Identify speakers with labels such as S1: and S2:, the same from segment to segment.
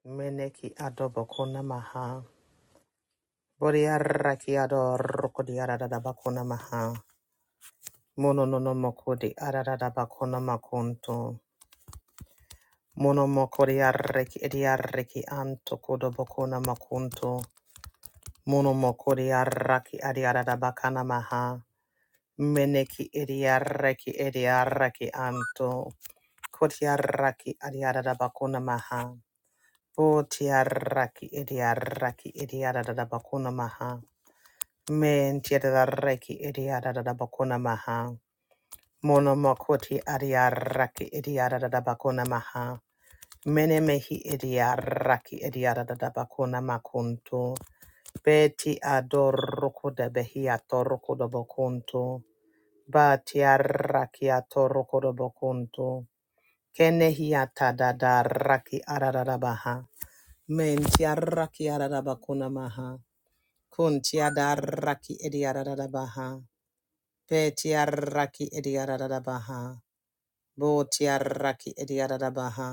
S1: Meneki adobo kona maha. Boriaraki adoroko di arada bakona maha. Mono no no moko di arada bakona makonto. Mono moko di arreki edi arreki anto kodo bakona makonto. Mono moko di arraki adi arada bakana maha. Meneki edi arreki edi arreki anto. Koti arraki adi arada bakona maha. Boti arraki edi arraki edi arada bakona maha. Men tiedaraki idiada da bakuna maha. Mono makoti adiaraki idiada da bakuna maha. Mene mehi idiaraki idiada da bakuna makunto. Beti adoroko da behi atoroko de bakunto. Bati araki atoroko de bakunto. Kenehi atada da raki adada baha. Men tiaraki adada bakuna maha. Kun tiadaraki idiada da baha. Betiaraki idiaradabaha. Botiaraki idiaradabaha.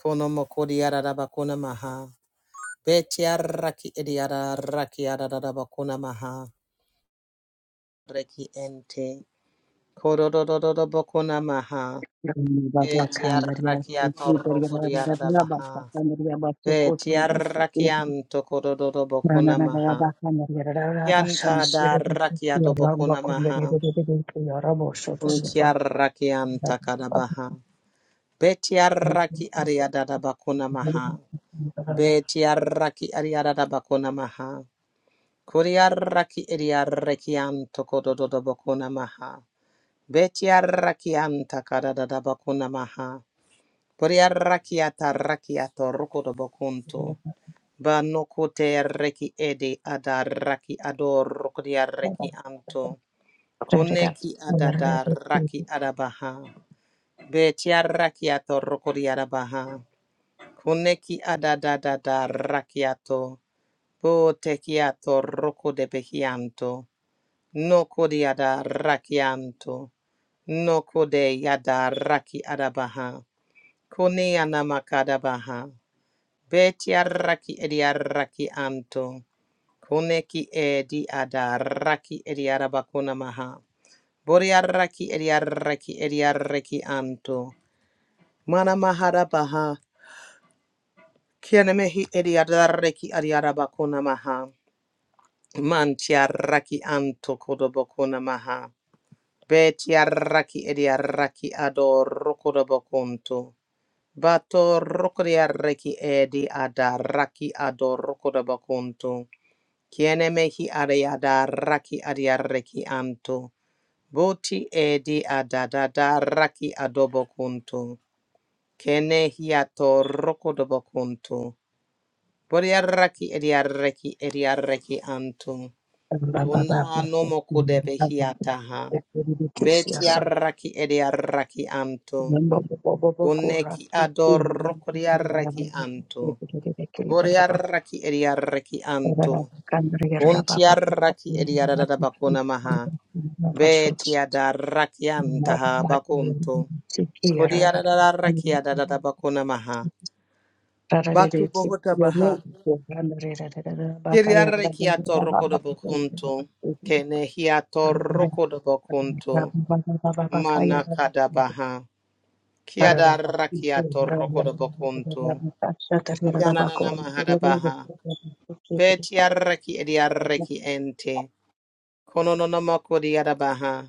S1: Konomokodiaradabakuna maha. Betiaraki idiaraki adadabakuna maha. Reki ente. Korodododobakuna maha.
S2: Baba Kandaria,
S1: Betiaraki
S2: Rabasa
S1: atorokodiaradabaha.
S2: Kandaria, Basokotrobosi,
S1: Betiaraki anto korododobakuna maha.
S2: Rananagaba Kandaria,
S1: Yanta
S2: Rabashan,
S1: da rakia
S2: Rabba
S1: dobokuna
S2: Kundari,
S1: maha.
S2: Rabosho,
S1: Untia rakianta kadabaha. Betiaraki ariadada bakuna maha. Betiaraki ariadada bakuna maha. Kuriaraki ariaraki anto kododo bakuna maha. Betiaraki anta karadada bakuna maha. Kuriaraki ataraki atoroko do bakunto. Banokute reki edi adaraki adoroko diaraki anto. Koneki adada adadaraki adabaha. Betiaraki atoroko diarabaha. Koneki adadadada rakiato. Botekiato roko de behianto. no de ada rakianto. Noko de yada raki adabaha. Kone anamakadabaha. Betia raki edia raki anto. Koneki edi ada raki edia rabakona maha. Boria raki edia raki edia raki anto. Mana mahara baha. Kianemehi edia raki adia rabakona maha. Mantiaraki anto kodobokuna maha. Betiaraki ediaraki ador rokodobokunto. Bato rokodiaraki edi adaraki ador rokodobokunto. Kiene mehi adiadaraki adiaraki anto. Boti edi adadadaraki adobokunto. Kene hiato rokodobokunto. Boriaraki ediaraki ediaraki anto. Kuna no mokudebe hiataha. Beti
S2: Baba
S1: arraki edi arraki anto. Kuneki ador kodi arraki anto. Bori arraki edi arraki anto. Kunti
S2: Thank
S1: arraki edi adada bakuna maha. Beti adarraki antaha bakunto. Kodi adada arraki adada bakuna maha. Batu bohota baha. Yeri arraki atorro kodo bakunto. Kenehi atorro kodo bakunto. Manakadabaha. Kiadarakiato rokodobokuntu. Yananana mahadabaha. Betiaraki ediaraki ente. Konononomoko diadabaha.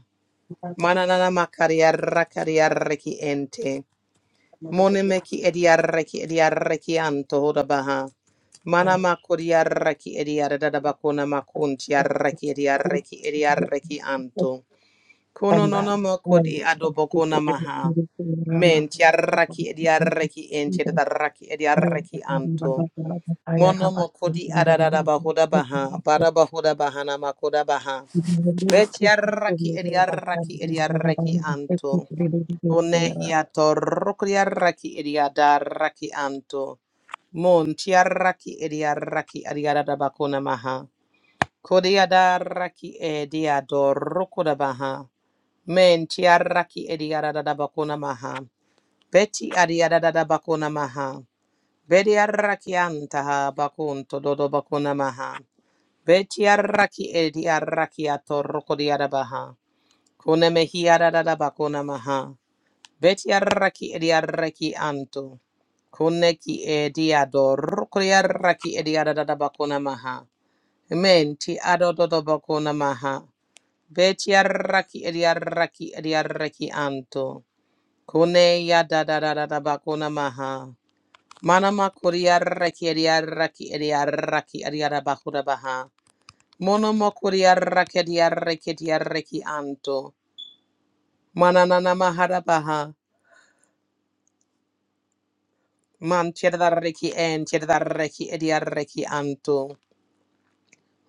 S1: Mananana makariarakariaraki ente. Monemeki ediaraki ediaraki anto hodabaha. Manamako diaraki ediaradabakona makunti araki
S2: you.
S1: ediaraki ediaraki anto. Kono no
S2: kwamba
S1: no mo kod
S2: eh,
S1: i adobo kona
S2: katika
S1: maha.
S2: kujifunza kwamba
S1: Men ti arraki e di arraki en ti arraki e di anto. Mono mo kodi adadada bahoda baha, bada bahoda bahana makoda baha. Bet yarraki e di arraki e di anto. One hiato rokri arraki e di adarraki anto. Mon ti arraki e di arraki e di adadada bakona maha. Kodi adarraki e di adoroko da baha. Men tiaraki ediarada bakuna maha. Beti adiarada bakuna maha. Bedi arrakiantaha bakunto dodo bakuna maha. Beti arraki ediaraki atoroko diarabaha. Kune mehiarada bakuna maha. Beti arraki ediaraki anto. Kune ki ediadoroko diaraki ediarada bakuna maha. Men ti adodo bakuna maha. Beti arraki ediaraki ediaraki anto. Kone ya da da da da da bakuna maha. Mana makuria raki aria raki aria raki aria da bakura baha. Mono makuria raki aria raki aria raki anto. Mana nana mahara baha. Man chirda reki en chirda reki aria reki anto.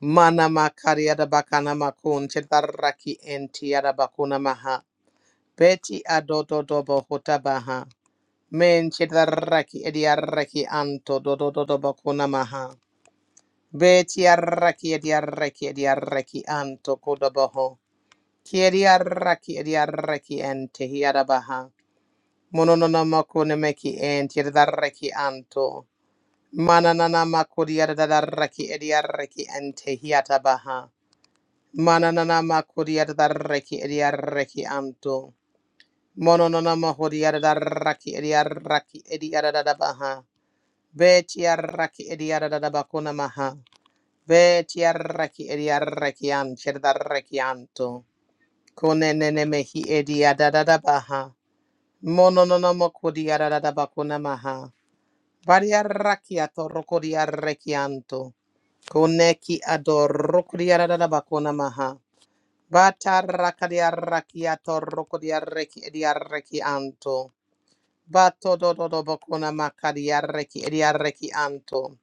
S1: Mana makaria da bakana makun chirda raki en tiara bakuna maha. Beti adodo dobo hota baha. Men chirda raki aria raki anto do do do dodo bakuna maha. Beti arraki edi arraki edi arraki anto kodabaho. Kiedi arraki edi arraki ente hiadabaha. Mononona mako nemeki ente arraki anto. Mananana mako diadarraki edi arraki ente hiatabaha. Mananana mako diadarraki edi arraki anto. Mononona mako diadarraki edi arraki edi adadabaha. Beti arraki edi adadabakona maha. Veti arraki edi arrakian, chedarrakianto. Kone nene mehi edi adadada baha. Mono no no moko di adadada bakuna maha. Vari arrakiato roko di arrakianto. Kone ki ador roko di adadada bakuna maha. Bata raka di arrakiato roko di arraki edi arrakianto. Bato do do do bakuna maka di arraki edi arrakianto.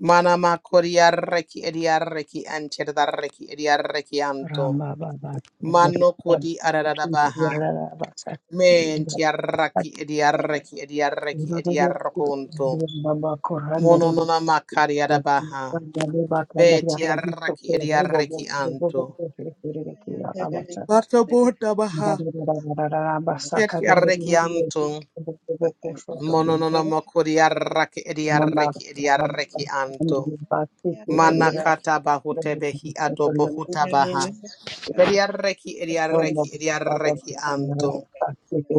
S1: Mana makori arreki edi arreki antir darreki edi arreki anto.
S2: ramba baba
S1: Mano kodi ararara baha.
S2: baba
S1: Menti arraki edi arreki edi arreki edi arrokonto. Mono nona makari arabaha. Beti arraki edi arreki anto. Bato bota baha. Eti arreki anto. Mono nona makori arraki edi arreki edi arreki anto.
S2: Baba
S1: Manakata bahutebehi adobo hutabaha. Bediarreki ediarreki ediarreki anto.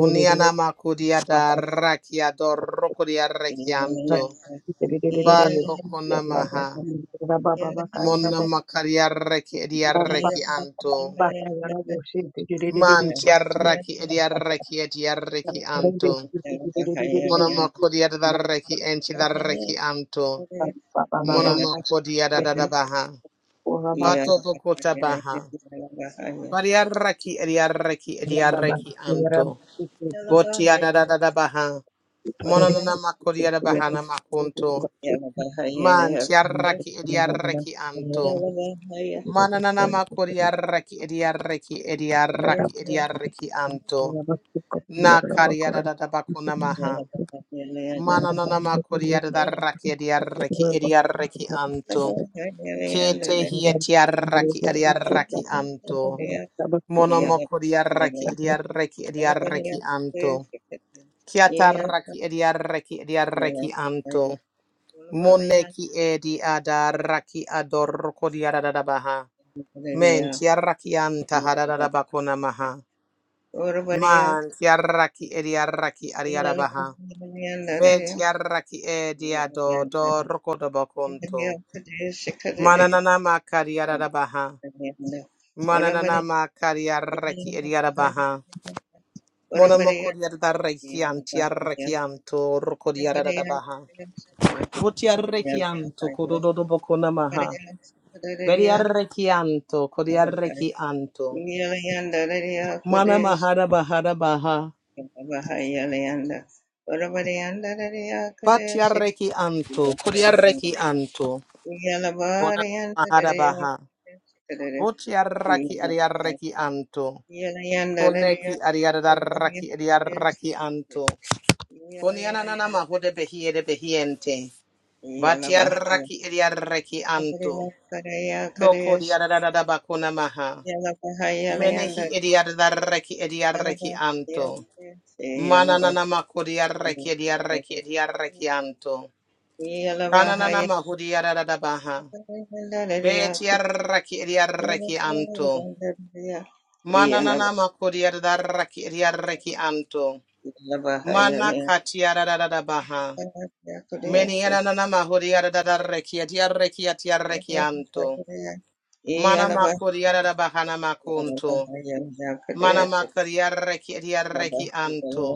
S1: Unianama kudiata rakia dorokodiarreki anto. Badokonamaha. Monama kariarreki
S2: Thank
S1: ediarreki anto. Mantiarraki ediarreki ediarreki anto.
S3: Yeah.
S1: Monama kodiata reki enti darreki anto. Monama kodiata dadabaha. Bato bokota baha. Bariarraki ediarreki ediarreki anto. Botia da da da da baha. Mononona makodia da bahana makunto. Man tiaraki ediaraki anto. Mananana makodia raki ediaraki ediaraki ediaraki anto. Na karia da da da bakuna maha. Mananana
S2: you.
S1: makodia da raki ediaraki ediaraki anto. Kete hia tiaraki ediaraki anto. Monomokodia raki ediaraki ediaraki anto. Kiataraki ediaraki ediaraki anto.
S3: Yeah.
S1: Moneki edi adaraki adoroko diaradabaha. Men
S3: Hallelujah.
S1: tiaraki anta
S3: Yeah, but
S1: hadadabakona maha.
S3: that- Orabariya,
S1: Man tiaraki ediaraki adiarabaha.
S3: Ilalabariya,
S1: Ben tiaraki
S3: yeah,
S1: ediado
S3: that-
S1: doroko
S3: Orabariya,
S1: dobakonto.
S3: today, Shikadari,
S1: Mananana
S3: yeah,
S1: makariarabaha. Mananana
S3: Orabariya,
S1: makariaraki
S3: Ilalabariya,
S1: ediarabaha. Monomoko
S3: Orabariya,
S1: diaradaraki
S3: Ilalabariya,
S1: antiaraki
S3: Orabariya,
S1: anto roko
S3: Shikadari, yeah,
S1: diaradabaha. Votiarrechianto, codododoboco namaha.
S3: Orabariya, Shikadariya,
S1: Veriarrechianto,
S3: Orabariya,
S1: codiarrechianto.
S3: Ilalabariya,
S1: Mana
S3: Kudesh,
S1: mahara bahara baha.
S3: Orabariya, Ilalabariya, Kudesh,
S1: Patiarrechianto, codiarrechianto. Ona mahara baha. Votiarraki ariarrechianto.
S3: Yeah.
S1: Koneki ariarraki ariarrechianto. Koniananama hode behiere behiente. Vatiarraki ariarrechianto. No codiarrabacona maha. Menehi ediadarreki ediarreki anto. Mananana makodiarreki ediarreki ediarreki anto. Kananana mahudiaradabaha. Betiarreki ediarreki anto. Mananana makodiarreki ediarreki anto. Mana katiaradabaha. Menianana mahudiarreki ediarreki atiarreki anto. Mana makodiaradabaha namakunto. Mana makodiarreki ediarreki anto.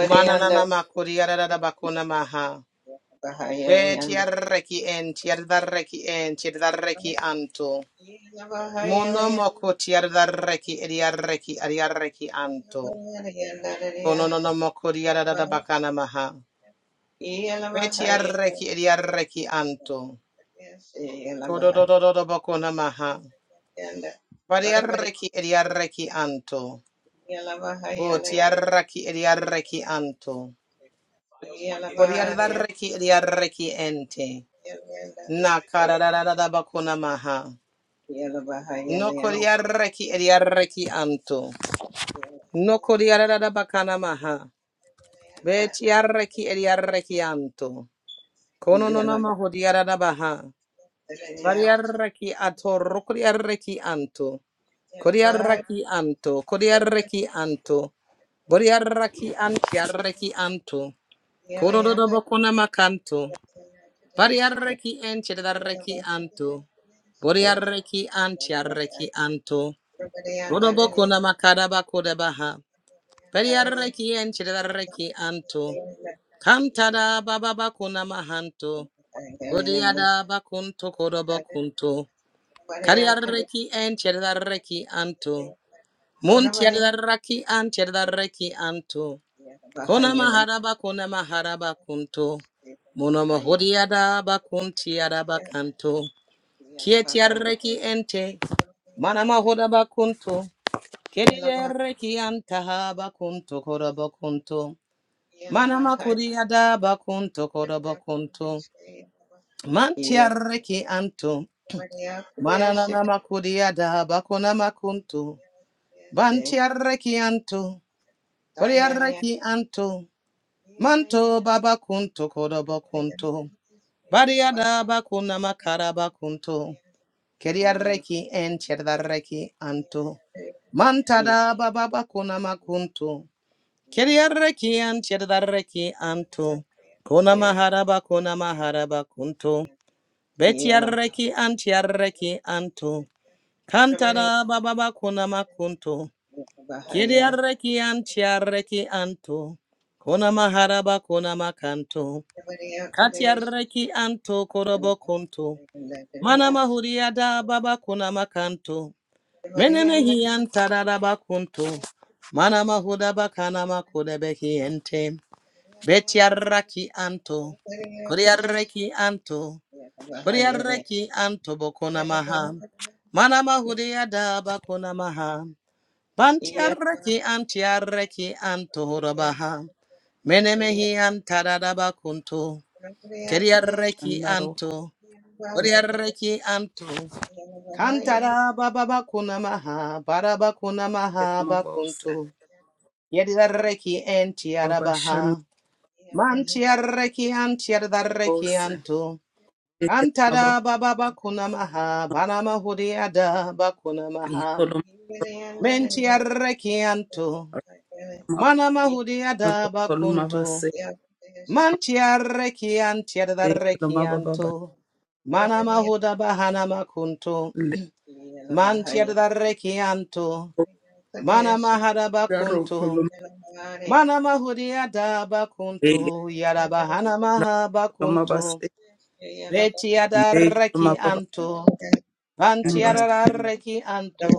S1: Mananana makuriyarada bakuna maha. Betiarreki enti tiardarreki enti tiardarreki anto. Mono
S3: Yalabaha
S1: moko tiardarreki ediarreki adiarreki anto. Kono Kononono mokuriyarada bakana maha. Betiarreki ediarreki anto. Kodo do do do do bakuna maha. Variarreki ediarreki anto. Bo Botiarreki ediarreki anto. Kodiardarreki ediarreki ente.
S3: Yelanda,
S1: Na
S3: Olanda,
S1: kararararada bakuna maha. No koriarreki eriarreki anto. No koriarada bakana maha. Betiarreki eriarreki anto. Kono no nama hodiarada baha. Variarreki ato rokoriarreki anto. Koriarreki anto. Koriarreki anto. Boriarreki antiarreki anto. Kororo bakuna makanto. Variarreki entiarreki anto. Boriarreki antiarreki anto. Uroboko na makaraba kodabaha. Periareki and chidareki anto. Kantada baba bakuna mahanto. Bodiada bakunto kodobokunto. Kariareki and chidareki anto. Muntiadaraki and chidareki anto. Kona maharaba kona maharaba kunto. Mono mahodiada bakuntiada bakanto. Kietiareki ente. Mana mahoda bakunto. Kiridereki antaha bakunto korobokunto. Manama kuriada bakunto korobokunto. Mantiareki anto. Mananana makuriada bakuna makunto. Bantiareki anto. Bariareki anto. Manto baba kunto korobokunto. Bariada bakuna makara bakunto. Kiriareki encherdareki anto. Mantada baba bakuna makunto.
S3: Yeah.
S1: Kiriaraki an chedaraki anto. Kona maharaba kona maharaba kunto. Betiaraki an tiaraki anto. Kantara bababa kona makunto. Kiriaraki an tiaraki anto. Kona maharaba kona makanto. Katiaraki anto korobo kunto. Mana mahuriada baba kona makanto. Menemehi an tararaba kunto. Mana mahuda bakana makudebehi ente. Betiaraki anto. Kuriareki anto. Kuriareki anto bokona maha. Mana mahudia da bakona maha. Bantiaraki antiaraki anto horabaha. Menemehi antarada bakunto.
S3: Yeah.
S1: Kuriareki
S4: Shandaro
S1: anto. Kuriareki anto. Kantara baba bakuna maha. Barabakuna maha
S4: Kurama Bose
S1: bakunto. Yedirareki
S4: Baba Shanda
S1: antiarabaha. Man tiarreki an
S4: Bose Ekelama
S1: Antada
S4: Baba
S1: bababa kunamaha, banama hudiada bakunamaha.
S4: Ikoloma
S1: Men tiarreki anto.
S4: Rama
S1: Manama
S4: Baro Koloma
S1: bakunto.
S4: Base
S1: Man tiarreki an tiardarreki
S4: Ekelama
S1: anto.
S4: Baba
S1: Manama huda bahanama kunto.
S4: Leko
S1: Man tiardarreki anto. Manama
S4: Daro
S1: bakunto.
S4: Koloma
S1: Manama
S4: Ekelama
S1: bakunto. Yada bahanama ha
S4: Koloma Base
S1: bakunto.
S4: Ekelama
S1: Betiadareki
S4: Baba
S1: anto,
S4: Koloma Base
S3: Yeah.
S1: Bantiadareki anto,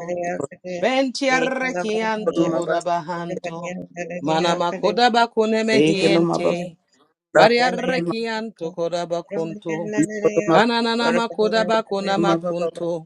S1: Bentiareki anto
S4: Koloma Base
S1: hodabahanto, Manamakoda bakune
S4: Ekelama Baba
S1: mehiente,
S4: Daro Koloma
S1: Bariareki anto kodabakunto,
S4: Ikoloma
S1: Ananana makoda bakona
S4: Koloma Baba
S1: makunto.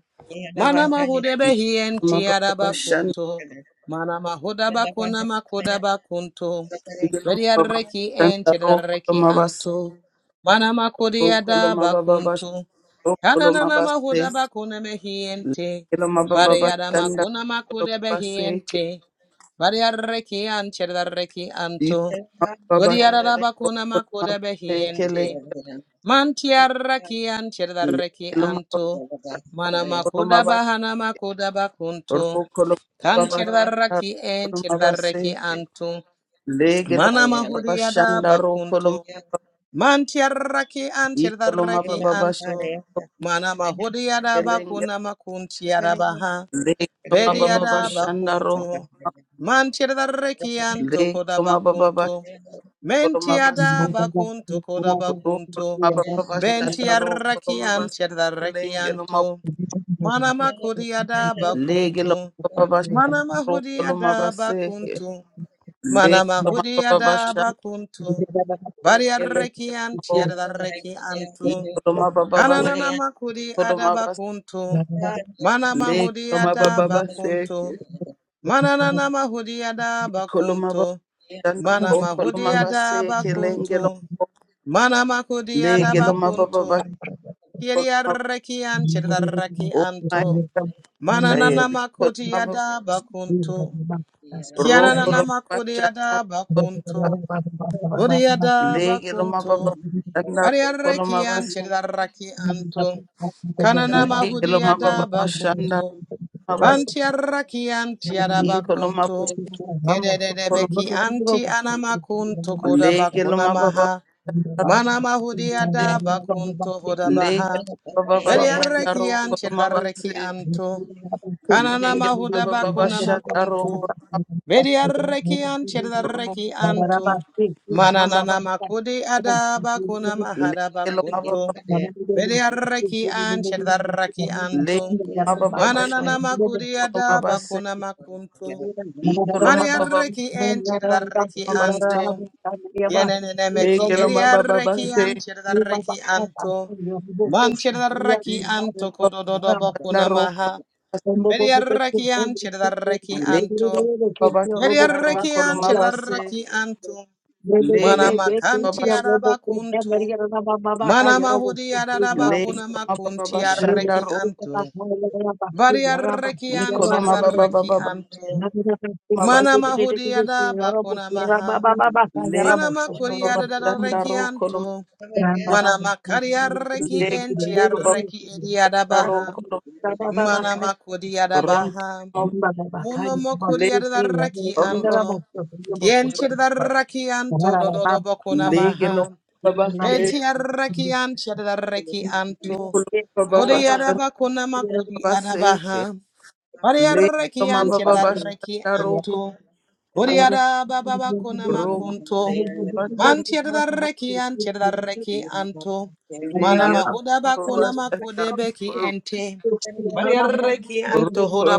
S1: Mana mahude
S4: Ekelama
S1: behienti
S4: Baba
S1: araba
S4: Shanda
S1: kunto. Mana mahuda bakona makoda bakunto.
S4: Ekelama Baba
S1: Beriareki
S4: Shanda
S1: enti
S4: Ro
S1: reki
S4: Koloma Base
S1: anto. Mana makodi
S4: Ro
S1: ada
S4: Koloma Baba Base
S1: bakunto.
S4: Ro Koloma
S1: Ananana mahuda
S4: Base
S1: bakona mehiente.
S4: Ilo mababa
S1: Bareyada
S4: bashanda
S1: makona
S4: kolo
S1: makude
S4: baseke.
S1: behiente. Bariareki anti reki
S4: Ito
S1: anto.
S4: mababa bashanda
S1: Kodiarada bakona
S4: kolo
S1: makoda
S4: mabaseke le.
S1: behiente. Mantiaraki
S4: Le
S1: antiaraki
S4: ilo mababa
S1: anto. Mana
S4: kolo
S1: makuda
S4: mabas.
S1: bahana makuda bakunto.
S4: Ro kolo
S3: Yeah.
S4: mababa bashanda
S1: Kantiaraki
S4: kolo
S1: antiaraki
S4: mabaseke.
S1: anto.
S4: Le ilo
S1: Mana
S4: mababa
S3: ayala
S1: mahudiada
S4: bashanda ro kolo
S1: bakunto.
S4: ma-
S3: kaya
S1: Mantiaraki
S4: Ito lo
S1: antiaraki
S3: ayala
S4: mababa
S1: anto.
S3: pare
S4: bashanda
S1: Mana mahudiada
S4: kelenge.
S1: bakuna makuntiarabaha.
S4: Le ilo
S3: ayala
S4: mababa
S1: Bediada
S4: bashanda ro.
S1: bakunto. Mantiada
S3: pare
S1: rekian
S4: Le
S1: tokoda
S4: ilo mababa bashanda
S1: bakunto.
S4: kolo
S1: Mentiada
S4: mabaseke.
S1: bakunto koda
S4: Ro kolo
S1: bakunto.
S4: mababa bashanda
S1: Bentia
S4: ro kolo
S1: rekian
S4: mabaseke.
S1: tiada rekianto. Manama kudiada
S4: Lege lo
S1: bakunto.
S4: mababa
S1: Manama
S4: sharo lo
S1: hudiada
S2: Thank
S4: mabaseke.
S1: bakunto.
S4: Lege
S1: Manama
S4: lo mababa
S1: hudiada
S4: sharo
S1: bakunto. Baria
S4: lege
S1: rekian
S4: lo
S1: tiada rekianto.
S4: Iko lo mababa
S1: Ananana
S4: sharo
S1: makudi
S4: lo mabas.
S1: adabakunto. Mana
S4: Lege
S1: mahudi
S4: lo
S1: ada
S4: mababa
S3: pare
S1: bakunto.
S4: seke.
S1: Manana mahudiada
S4: Iko lo mababa
S1: bakunto. Mana
S4: sharo lo
S1: mahudiada
S4: mabaseke lenge lo
S1: bakunto. Mana makudiada
S4: lege lo mababa
S1: bakunto.
S4: sharo
S2: you.
S4: lo mabas.
S1: Kiriaraki
S2: Thank you.
S1: anchiraraki
S4: Oh my
S1: anto.
S4: God,
S1: Manana
S4: Iko lo mababa
S1: makudiada bakunto. Kianana
S4: roko lo mababa
S1: makudiada
S4: sharo lo mabas.
S1: bakunto. Budiada
S4: Lege lo mababa
S1: bakunto.
S4: sharo lo
S1: Variaraki
S4: mabas.
S5: Thank
S1: anchiraraki anto. Kanana
S4: Lege lo
S1: mahudiada
S4: mababa sharo
S1: bakunto.
S4: Mabas
S1: Panti arraki anti
S4: ikoloma
S1: arabakuntu.
S4: kolombe
S1: Kedededebeki anti anamakuntu
S4: lege
S1: kodabakuna
S4: loma baba
S1: maha. Mana mahudi
S4: se
S1: adabakuntu
S4: lege
S1: hodabaha.
S4: loma baba
S1: Beri arraki
S4: shandaro
S1: anti
S4: koloma
S1: arraki
S4: base
S1: antu. Kanana
S4: lege loma
S1: mahuda
S4: baba
S1: bakuna
S4: shandaro
S1: makuntu.
S4: koloma
S1: Beri arraki anti
S4: ro
S1: arraki
S2: Robo
S1: antu.
S4: koloma
S1: Mana nana makudi adabakuna mahada
S4: lege loma baba
S1: bakuntu. Beri arraki anti arraki antu.
S4: lege loma baba
S1: Mananana
S4: koloma
S1: makuriada
S4: base
S1: bakuna makunto.
S4: ikoloma baba
S1: Variareki en chirdareki
S4: koloma base
S1: anto.
S4: lege
S1: Yenenemeki
S4: loma baba
S1: eriareki
S4: base
S1: an chirdareki anto. Man chirdareki anto
S4: ikoloma baba
S1: kodododo bakuna
S4: shandaro koloma
S1: maha.
S4: base
S1: Veriareki an chirdareki
S4: lege
S1: anto.
S4: baba shandaro
S1: Veriareki an
S4: koloma base
S1: chirdareki anto.
S2: Rababa
S4: lege
S1: Mana makanti arabakunto. Mana mahudi arabakuna
S4: Lego
S1: makunti
S4: mababa
S1: areki
S4: shandaro
S1: anto.
S3: Yeah.
S1: Variarreki anti
S4: ikolo mababa
S1: yarreki
S4: baba
S1: anto.
S4: mabas
S1: Mana mahudi yada bakuna maha.
S4: lego
S1: Mana makuri
S4: baba
S1: yada
S4: legoma
S1: darreki
S4: shandaro kolom
S1: anto. Mana makari yarreki
S4: lego
S1: enti
S4: baba
S1: yarreki edi yada
S4: shandaro
S1: baha.
S4: kolom
S1: Mana makudi yada
S4: ronto
S1: baha.
S4: mab-
S1: Muno mokuri yada
S4: lego
S1: darreki
S4: baba
S1: anto. Kienti yada
S4: baba
S1: anto dododo bakuna
S4: lego lo
S1: maha.
S4: baba se
S1: Beti yarreki anti yada darreki anto.
S4: ikolo
S2: Yes,
S4: baba baba
S1: Kodi yada
S2: Arabaka.
S4: shandaro
S1: bakuna makudi
S4: baba
S1: yada
S4: seke
S1: baha.
S4: lego
S1: Ariareki
S4: mababa
S1: anti
S4: baba
S1: adareki
S4: shandaro kolom
S1: anto. Uriada baba bakuna
S4: roko
S1: makunto.
S4: baba shandaro
S1: Manti adareki anti adareki anto. Mana
S4: lego
S1: mahuda
S4: baba
S1: bakuna makude
S4: shandaro
S1: beki
S4: kolom
S1: ente. Mariareki anto
S4: roko
S1: huda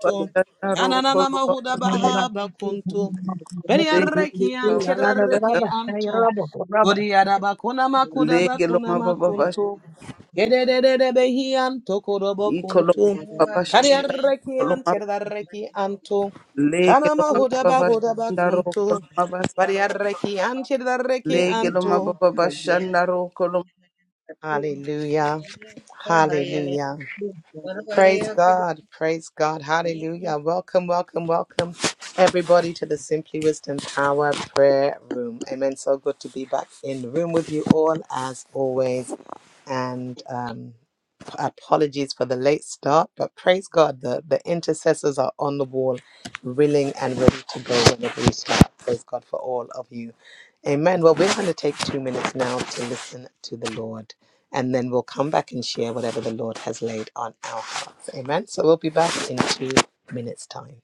S4: baba shandaro
S1: Kananana mahuda
S4: kolom
S1: baha bakunto.
S3: Yeah.
S1: Beriareki anti adareki anto. Uriada bakuna makuda
S4: lege lo
S1: bakuna
S4: mababa bash
S1: makunto. Gededede behi anto kurobo
S4: iko lo
S1: kunto.
S4: mababa shanda
S1: Kariareki
S4: lo mab
S1: antiareki anto.
S4: lege lo
S1: Kanama hudaba
S4: mababa
S1: hudaba
S4: shanda ro ko lo
S1: kunto.
S4: mabas
S1: Bariareki antiareki
S4: lege lo
S1: anto.
S4: mababa shanda ro ko lo
S5: you.
S1: Hallelujah. Hallelujah.
S5: Yes,
S1: Praise God. Praise God. Hallelujah. Welcome, welcome, welcome, everybody, to the Simply Wisdom Power Prayer Room. Amen. So good to be back in the room with you all, as always. And um, apologies for the late start, but praise God, the, the intercessors are on the wall, willing and ready to go whenever we start. Praise God for all of you. Amen. Well, we're going to take two minutes now to listen to the Lord, and then we'll come back and share whatever the Lord has laid on our hearts. Amen. So we'll be back in two minutes' time.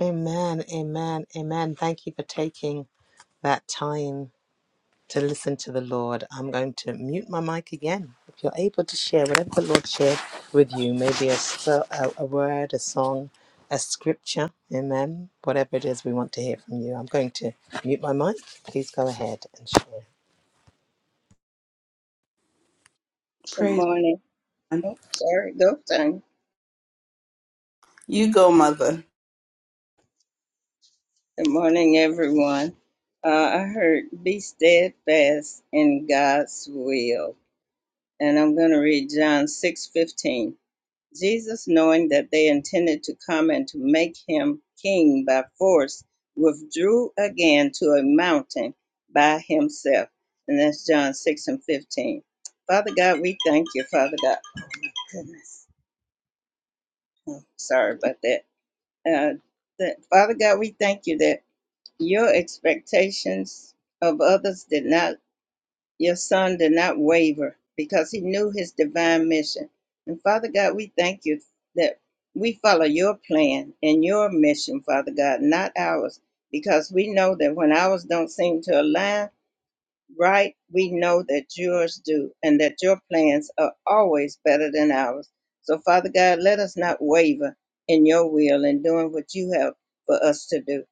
S1: Amen. Amen. Amen. Thank you for taking that time to listen to the Lord. I'm going to mute my mic again. If you're able to share whatever the Lord shared with you, maybe a, s- a a word, a song, a scripture, amen, whatever it is we want to hear from you. I'm going to mute my mic. Please go ahead and share.
S3: Good
S4: Praise
S3: morning.
S4: God.
S3: Oh, sorry, go time.
S4: You go, mother.
S3: Good morning, everyone. Uh, I heard be steadfast in God's will, and I'm going to read John six fifteen. Jesus, knowing that they intended to come and to make him king by force, withdrew again to a mountain by himself. And that's John 6 and 15. Father God, we thank you, Father God. Goodness. Oh, sorry about that. Uh, that. Father God, we thank you that your expectations of others did not Your son did not waver because he knew his divine mission. And Father God, we thank you that we follow your plan and your mission, Father God, not ours, because we know that when ours don't seem to align right, we know that yours do and that your plans are always better than ours. So, Father God, let us not waver in your will and doing what you have for us to do.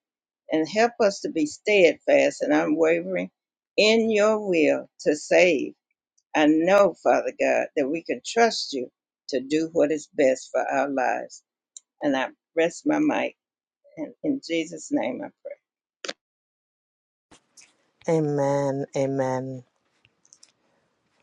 S3: And help us to be steadfast and unwavering in your will to save I know, Father God, that we can trust you to do what is best for our lives. And I rest my mic. And in Jesus' name I pray.
S1: Amen, amen.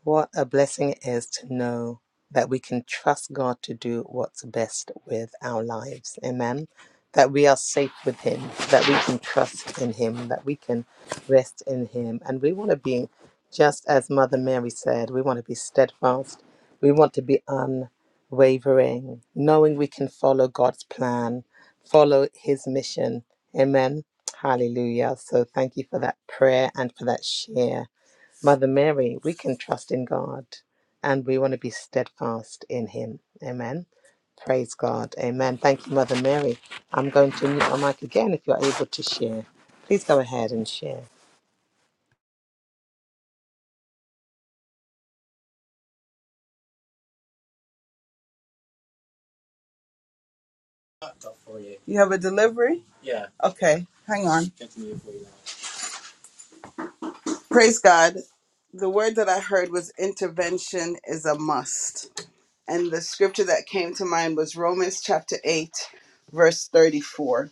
S1: What a blessing it is to know that we can trust God to do what's best with our lives. Amen. That we are safe with Him, that we can trust in Him, that we can rest in Him. And we want to be, just as Mother Mary said, we want to be steadfast. We want to be unwavering, knowing we can follow God's plan, follow His mission. Amen. Hallelujah. So thank you for that prayer and for that share. Mother Mary, we can trust in God and we want to be steadfast in Him. Amen. Praise God. Amen. Thank you, Mother Mary. I'm going to mute my mic again if you're able to share. Please go ahead and share.
S4: You have a delivery? Okay, hang on. Praise God. The word that I heard was intervention is a must. And the scripture that came to mind was Romans chapter 8, verse 34.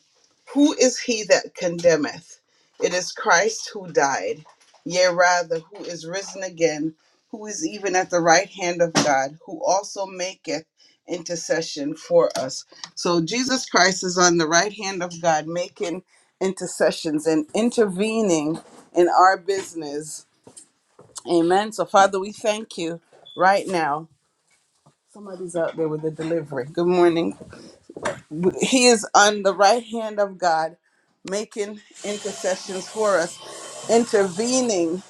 S4: Who is he that condemneth? It is Christ who died, yea, rather, who is risen again, who is even at the right hand of God, who also maketh intercession for us. So Jesus Christ is on the right hand of God, making intercessions and intervening in our business. Amen. So, Father, we thank you right now. Somebody's out there with a delivery. Good morning. He is on the right hand of God, making intercessions for us, intervening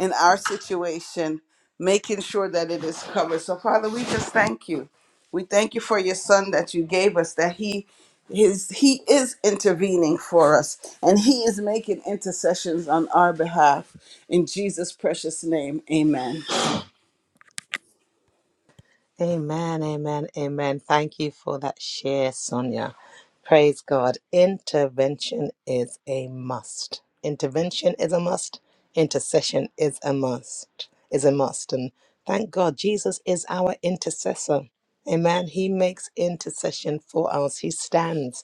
S4: in our situation, making sure that it is covered. So, Father, we just thank you. We thank you for your son that you gave us, that he his he is intervening for us and he is making intercessions on our behalf in Jesus precious name amen
S1: Amen, amen, amen. Thank you for that share, Sonia. Praise God. Intervention is a must. Intervention is a must. Intercession is a must. Is a must. And thank God, Jesus is our intercessor. Amen. He makes intercession for us. He stands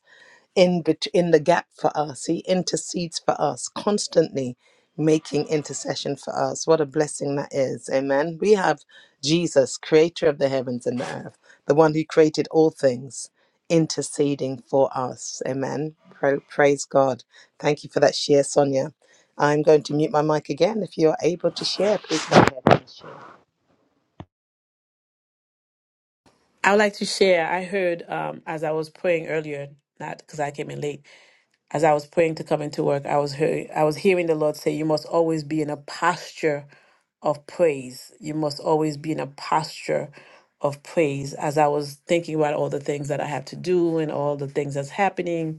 S1: in bet- in the gap for us. He intercedes for us constantly, making intercession for us. What a blessing that is. Amen. We have Jesus, creator of the heavens and the earth, the one who created all things, interceding for us. Amen. Pra- praise God. Thank you for that share, Sonia. I'm going to mute my mic again. If you are able to share, please go ahead. and share.
S6: I would like to share. I heard um, as I was praying earlier, not because I came in late. As I was praying to come into work, I was hearing, I was hearing the Lord say, "You must always be in a posture of praise. You must always be in a posture of praise." As I was thinking about all the things that I have to do and all the things that's happening,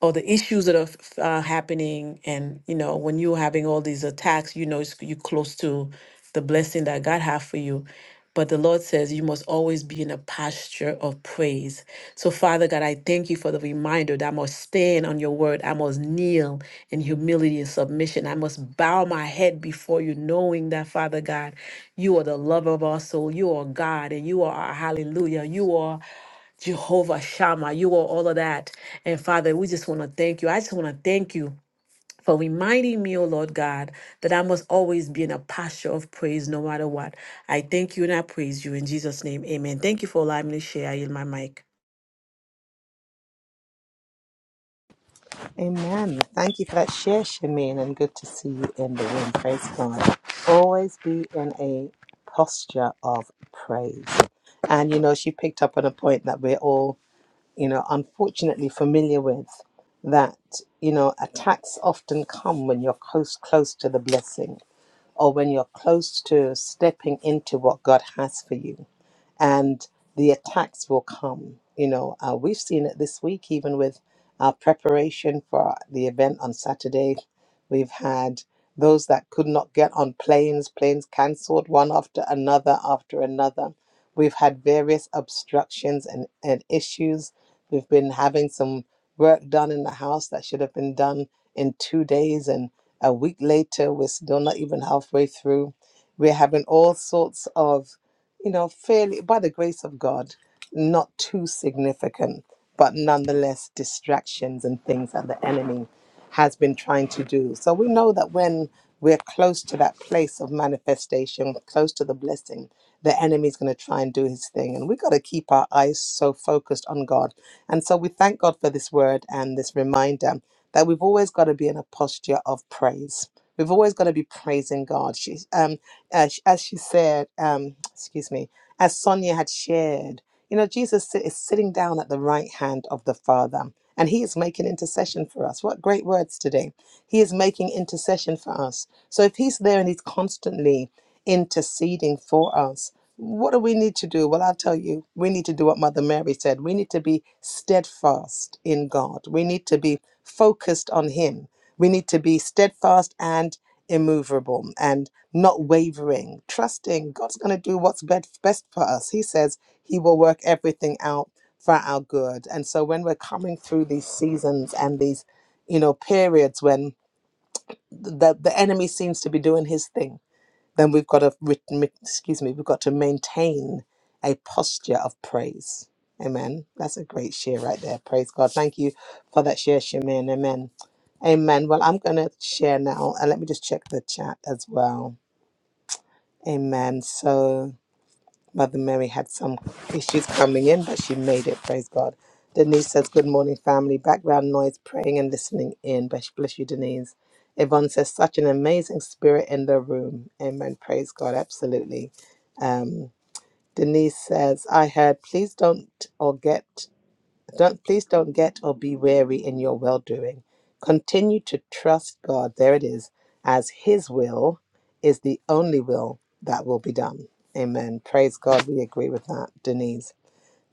S6: or the issues that are f- uh, happening and you know when you're having all these attacks you know it's, you're close to the blessing that god have for you but the lord says you must always be in a posture of praise so father god i thank you for the reminder that i must stand on your word i must kneel in humility and submission i must bow my head before you knowing that father god you are the lover of our soul you are god and you are our hallelujah you are Jehovah Shammah, you are all of that. And Father, we just want to thank you. I just want to thank you for reminding me, oh Lord God, that I must always be in a posture of praise no matter what. I thank you and I praise you in Jesus' name. Amen. Thank you for allowing me to share. I yield my mic.
S1: Amen. Thank you for that share, Shamin, and good to see you in the room. Praise God. Always be in a posture of praise. And, you know, she picked up on a point that we're all, you know, unfortunately familiar with that, you know, attacks often come when you're close, close to the blessing or when you're close to stepping into what God has for you and the attacks will come. You know, uh, we've seen it this week, even with our preparation for the event on Saturday. We've had those that could not get on planes, planes cancelled one after another after another. We've had various obstructions and, and issues. We've been having some work done in the house that should have been done in two days, and a week later, we're still not even halfway through. We're having all sorts of you know, fairly by the grace of God, not too significant, but nonetheless distractions and things that the enemy has been trying to do. So we know that when we're close to that place of manifestation, close to the blessing, the enemy's going to try and do his thing. And we've got to keep our eyes so focused on God. And so we thank God for this word and this reminder that we've always got to be in a posture of praise. We've always got to be praising God. She, um, as, she- as she said, um, excuse me, as Sonia had shared, you know, Jesus si- is sitting down at the right hand of the Father, and He is making intercession for us. What great words today! He is making intercession for us. So if He's there and He's constantly interceding for us, what do we need to do? Well, I'll tell you, we need to do what Mother Mary said. We need to be steadfast in God. We need to be focused on Him. We need to be steadfast and immovable and not wavering, trusting God's going to do what's best, best for us. He says He will work everything out for our good. And so when we're coming through these seasons and these, you know, periods when the, the enemy seems to be doing his thing, then we've got to re- mi- excuse me we've got to maintain a posture of praise amen that's a great share right there praise god thank you for that share shamin amen amen well i'm going to share now and let me just check the chat as well amen so Mother Mary had some issues coming in, but she made it. Praise God. Denise says, Good morning, family. Background noise, praying and listening in. Bless bless you, Denise. Yvonne says, Such an amazing spirit in the room. Amen. Praise God. Absolutely. Um, Denise says, I heard, please don't or get. Don't please don't get or be weary in your well doing. Continue to trust God. There it is, as His will is the only will that will be done. Amen. Praise God. We agree with that, Denise.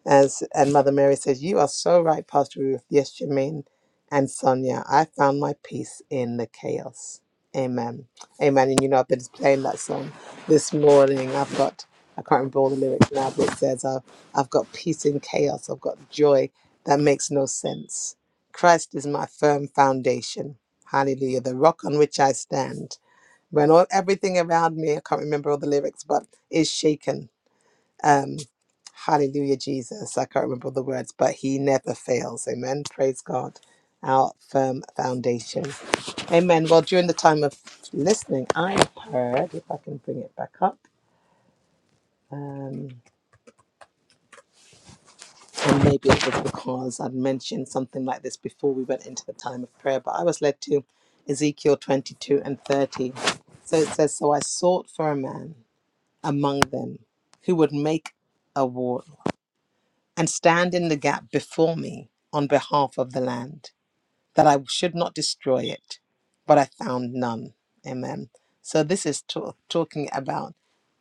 S1: As and Mother Mary says, You are so right, Pastor Ruth. Yes, Jermaine and Sonia. I found my peace in the chaos. Amen. Amen. And you know, I've been playing that song this morning. I've got I can't remember all the lyrics now, but it says I've I've got peace in chaos. I've got joy that makes no sense. Christ is my firm foundation. Hallelujah. The rock on which I stand. When all everything around me, I can't remember all the lyrics, but is shaken. Um, hallelujah, Jesus. I can't remember the words, but he never fails. Amen. Praise God. Our firm foundation. Amen. Well, during the time of listening, I heard, if I can bring it back up, um, and maybe it was because I'd mentioned something like this before we went into the time of prayer, but I was led to Ezekiel 22 and 30. So it says, So I sought for a man among them who would make a war and stand in the gap before me on behalf of the land, that I should not destroy it, but I found none. Amen. So this is to- talking about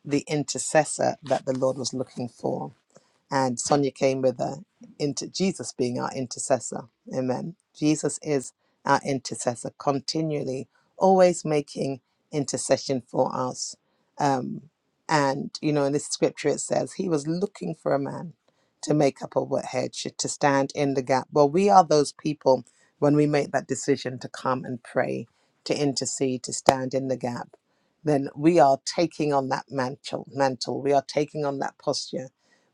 S1: the intercessor that the Lord was looking for and Sonia came with her into Jesus being our intercessor. Amen. Jesus is our intercessor, continually, always making intercession for us. Um, and you know, in this scripture it says he was looking for a man to make up a wet head, to stand in the gap. Well, we are those people when we make that decision to come and pray, to intercede, to stand in the gap. Then we are taking on that mantle. Mantle. We are taking on that posture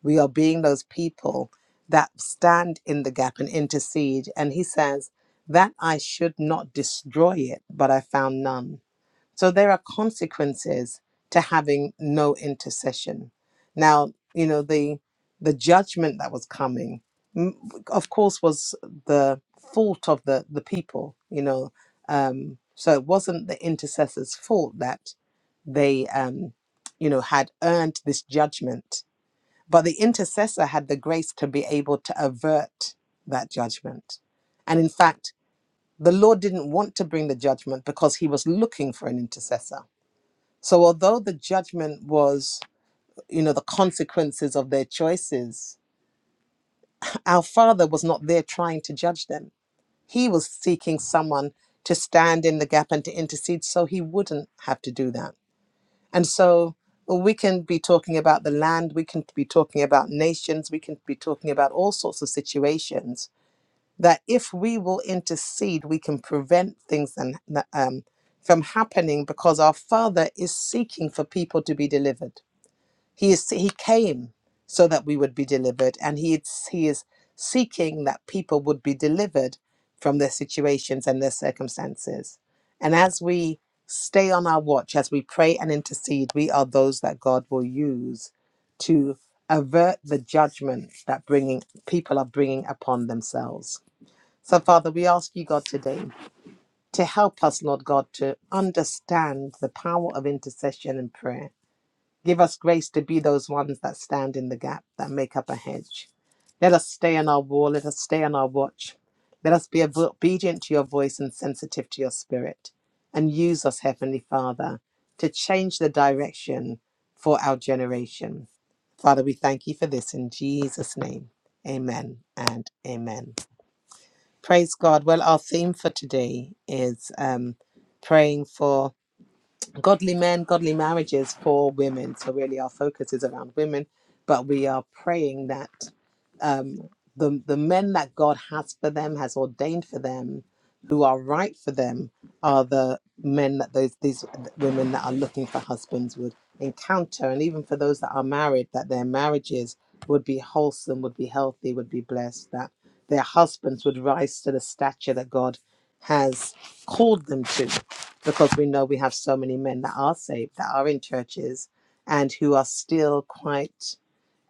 S1: we are being those people that stand in the gap and intercede. And he says, That I should not destroy it, but I found none. So there are consequences to having no intercession. Now, you know, the the judgment that was coming, mm, of course, was the fault of the, the people, you know. Um, so it wasn't the intercessors' fault that they, um, you know, had earned this judgment but the intercessor had the grace to be able to avert that judgment. And in fact, the Lord didn't want to bring the judgment because he was looking for an intercessor. So although the judgment was, you know, the consequences of their choices, our Father was not there trying to judge them. He was seeking someone to stand in the gap and to intercede so he wouldn't have to do that. And so well, we can be talking about the land, we can be talking about nations, we can be talking about all sorts of situations that if we will intercede, we can prevent things and, um, from happening because our Father is seeking for people to be delivered. He is he came so that we would be delivered, and he is, he is seeking that people would be delivered from their situations and their circumstances. And as we stay on our watch, as we pray and intercede, we are those that God will use to avert the judgment that bringing people are bringing upon themselves. So, Father, we ask you, God, today to help us, Lord God, to understand the power of intercession and prayer Give us grace to be those ones that stand in the gap, that make up a hedge. Let us stay on our wall. Let us stay on our watch. Let us be obedient to your voice and sensitive to your spirit. And use us, Heavenly Father, to change the direction for our generation. Father, we thank you for this in Jesus' name. Amen and amen. Praise God. Well, our theme for today is um, praying for godly men, godly marriages for women. So really, our focus is around women, but we are praying that um, the the men that God has for them, has ordained for them, who are right for them, are the men that those these women that are looking for husbands would encounter, and even for those that are married, that their marriages would be wholesome, would be healthy, would be blessed, that their husbands would rise to the stature that God has called them to because we know we have so many men that are saved, that are in churches, and who are still quite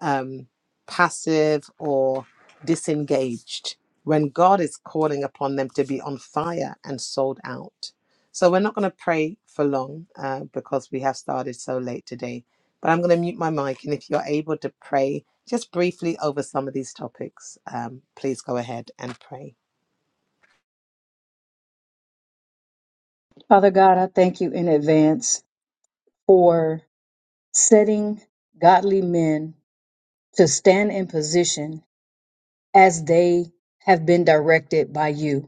S1: um, passive or disengaged when God is calling upon them to be on fire and sold out. So we're not going to pray for long uh, because we have started so late today. But I'm going to mute my mic, and if you're able to pray just briefly over some of these topics, um, please go ahead and pray.
S2: Father God, I thank you in advance for setting godly men to stand in position as they have been directed by you.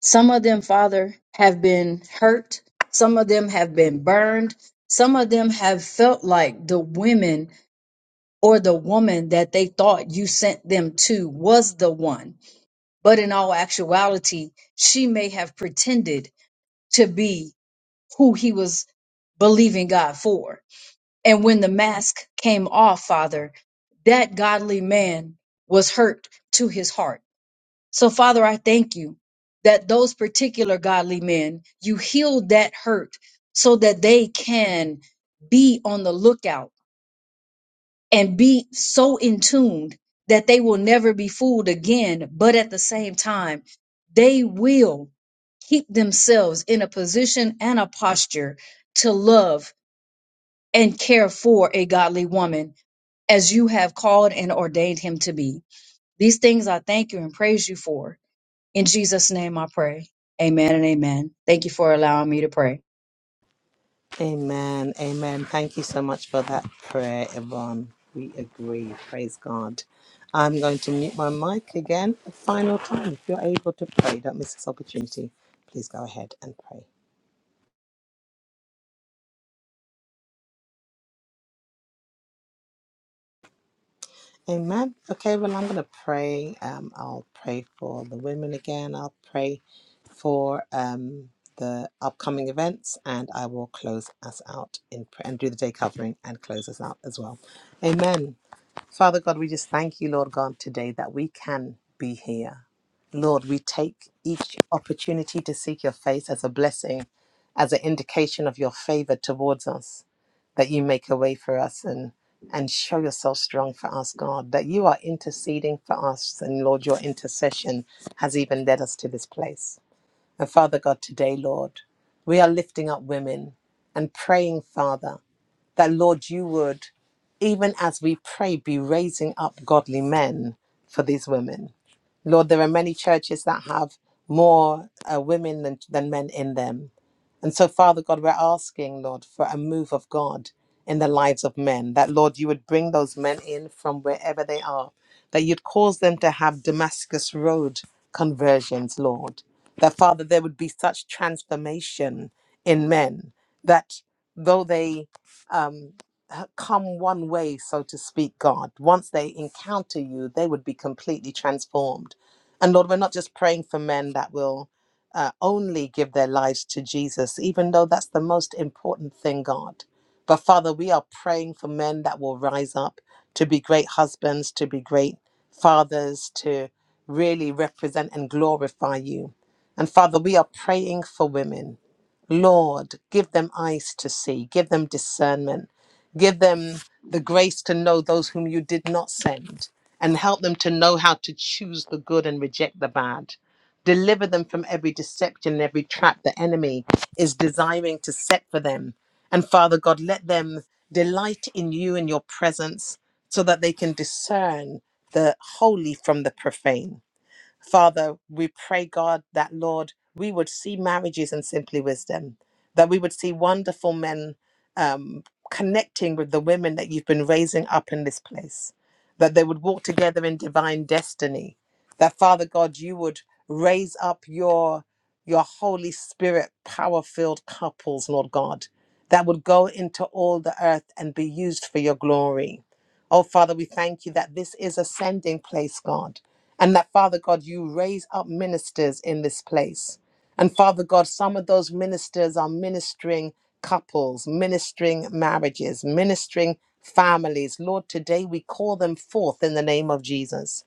S2: Some of them, Father, have been hurt. Some of them have been burned. Some of them have felt like the women or the woman that they thought you sent them to was the one. But in all actuality, she may have pretended to be who he was believing God for. And when the mask came off, Father, that godly man was hurt to his heart so, Father, I thank you that those particular godly men, you healed that hurt so that they can be on the lookout and be so in tune that they will never be fooled again. But at the same time, they will keep themselves in a position and a posture to love and care for a godly woman as you have called and ordained him to be. These things I thank you and praise you for. In Jesus' name I pray. Amen and amen. Thank you for allowing me to pray.
S1: Amen. Amen. Thank you so much for that prayer, Yvonne. We agree. Praise God. I'm going to mute my mic again for the final time. If you're able to pray, don't miss this opportunity. Please go ahead and pray. Amen. Okay, well, I'm going to pray. Um, I'll pray for the women again. I'll pray for um, the upcoming events, and I will close us out in prayer and do the day covering and close us out as well. Amen. Father God, we just thank you, Lord God, today that we can be here. Lord, we take each opportunity to seek your face as a blessing, as an indication of your favor towards us, that you make a way for us and and show yourself strong for us, God, that you are interceding for us. And Lord, your intercession has even led us to this place. And Father God, today, Lord, we are lifting up women and praying, Father that, Lord, you would, even as we pray, be raising up godly men for these women. Lord, there are many churches that have more uh, women than, than men in them. And so, Father God, we're asking, Lord, for a move of God in the lives of men, that, Lord, you would bring those men in from wherever they are, that you'd cause them to have Damascus Road conversions, Lord, that, Father, there would be such transformation in men that though they um, come one way, so to speak, God. Once they encounter you, they would be completely transformed. And Lord, we're not just praying for men that will uh, only give their lives to Jesus, even though that's the most important thing, God. But Father, we are praying for men that will rise up to be great husbands, to be great fathers, to really represent and glorify you. And Father, we are praying for women. Lord, give them eyes to see, give them discernment, give them the grace to know those whom you did not send, and help them to know how to choose the good and reject the bad. Deliver them from every deception and every trap the enemy is desiring to set for them. And Father God, let them delight in you and your presence so that they can discern the holy from the profane. Father, we pray, God, that Lord, we would see marriages in simply wisdom, that we would see wonderful men um, connecting with the women that you've been raising up in this place, that they would walk together in divine destiny, that Father God, you would raise up your your Holy Spirit power filled couples, Lord God, that would go into all the earth and be used for your glory. Oh, Father, we thank you that this is a sending place, God and that, Father God, you raise up ministers in this place. And Father God, some of those ministers are ministering couples, ministering marriages, ministering families. Lord, today we call them forth in the name of Jesus.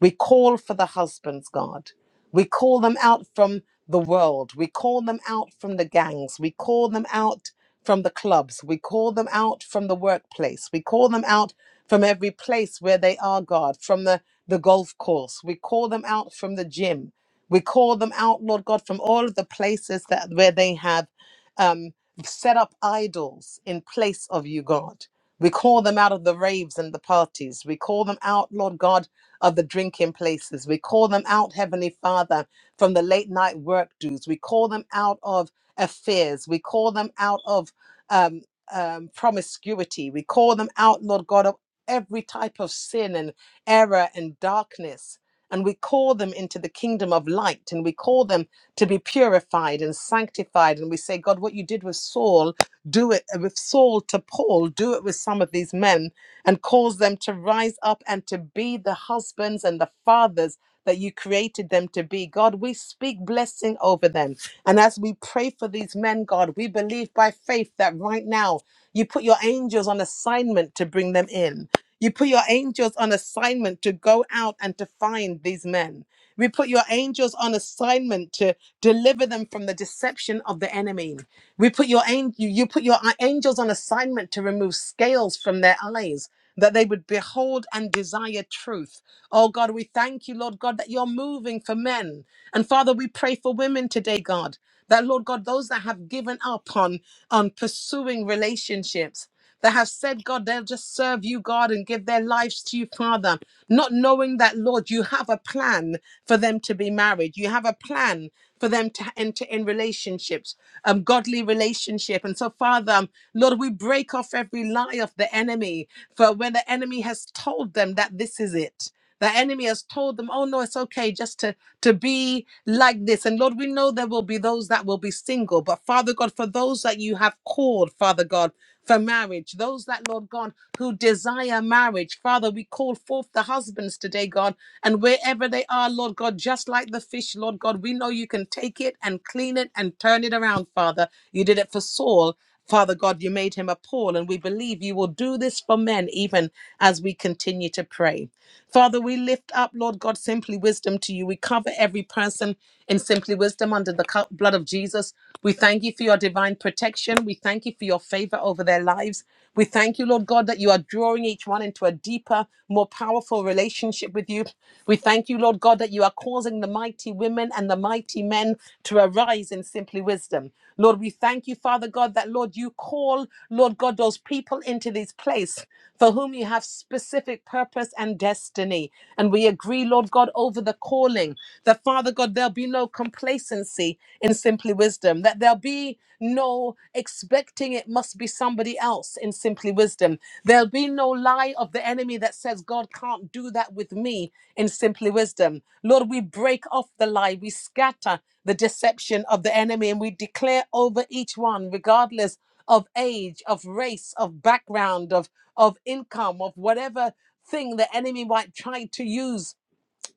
S1: We call for the husbands, God. We call them out from the world. We call them out from the gangs. We call them out from the clubs. We call them out from the workplace. We call them out from every place where they are, God, from the, the golf course. We call them out from the gym. We call them out, Lord God, from all of the places that where they have um, set up idols in place of you, God. We call them out of the raves and the parties. We call them out, Lord God, of the drinking places. We call them out, Heavenly Father, from the late night work dues. We call them out of affairs. We call them out of um, um, promiscuity. We call them out, Lord God, of every type of sin and error and darkness. And we call them into the kingdom of light and we call them to be purified and sanctified. And we say, God, what you did with Saul, do it uh, with Saul to Paul, do it with some of these men and cause them to rise up and to be the husbands and the fathers that you created them to be. God, we speak blessing over them. And as we pray for these men, God, we believe by faith that right now you put your angels on assignment to bring them in. You put your angels on assignment to go out and to find these men. We put your angels on assignment to deliver them from the deception of the enemy. We put your an- you you put your angels on assignment to remove scales from their eyes that they would behold and desire truth. Oh God, we thank you, Lord God, that you're moving for men. And Father, we pray for women today, God, that Lord God, those that have given up on, on pursuing relationships that have said, God, they'll just serve you, God, and give their lives to you, Father, not knowing that, Lord, you have a plan for them to be married. You have a plan for them to enter in relationships, um, godly relationship. And so, Father, um, Lord, we break off every lie of the enemy for when the enemy has told them that this is it. The enemy has told them, oh no, it's okay just to, to be like this. And Lord, we know there will be those that will be single. But Father God, for those that you have called, Father God, for marriage, those that, Lord God, who desire marriage, Father, we call forth the husbands today, God. And wherever they are, Lord God, just like the fish, Lord God, we know you can take it and clean it and turn it around, Father. You did it for Saul. Father God, you made him a Paul, and we believe you will do this for men even as we continue to pray. Father, we lift up, Lord God, simply wisdom to you. We cover every person in simply wisdom under the co- blood of Jesus. We thank you for your divine protection. We thank you for your favor over their lives. We thank you, Lord God, that you are drawing each one into a deeper, more powerful relationship with you. We thank you, Lord God, that you are causing the mighty women and the mighty men to arise in simply wisdom. Lord, we thank you, Father God, that, Lord, you call, Lord God, those people into this place for whom you have specific purpose and destiny. And we agree, Lord God, over the calling that, Father God, there'll be no complacency in simply wisdom, that there'll be no expecting it must be somebody else in simply wisdom. There'll be no lie of the enemy that says, God can't do that with me in simply wisdom. Lord, we break off the lie, we scatter the deception of the enemy, and we declare over each one, regardless of age, of race, of background, of, of income, of whatever thing the enemy might try to use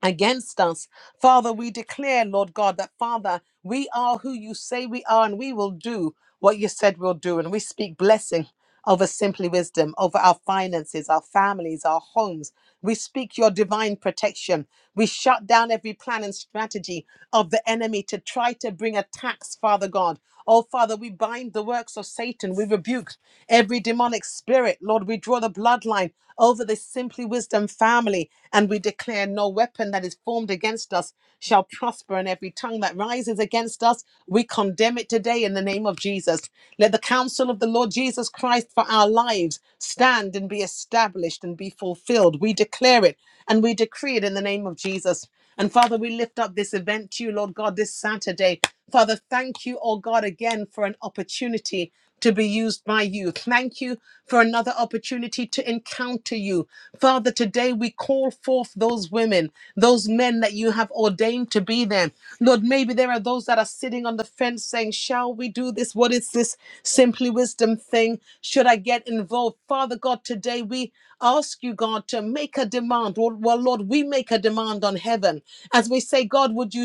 S1: against us. Father, we declare, Lord God, that Father, we are who you say we are and we will do what you said we'll do. And we speak blessing over simply wisdom, over our finances, our families, our homes. We speak your divine protection. We shut down every plan and strategy of the enemy to try to bring attacks, Father God. Oh, Father, we bind the works of Satan. We rebuke every demonic spirit. Lord, we draw the bloodline over this Simply Wisdom family and we declare no weapon that is formed against us shall prosper, and every tongue that rises against us, we condemn it today in the name of Jesus. Let the counsel of the Lord Jesus Christ. Christ for our lives stand and be established and be fulfilled. We declare it and we decree it in the name of Jesus. And Father, we lift up this event to you, Lord God, this Saturday. Father, thank you, oh God, again for an opportunity to be used by you. Thank you for another opportunity to encounter you. Father, today we call forth those women, those men that you have ordained to be there. Lord, maybe there are those that are sitting on the fence saying, Shall we do this? What is this simply wisdom thing? thing should I get involved? Father God, today we ask you, God, to make a demand. Well, well, Lord, we make a demand on heaven as we say, God, would you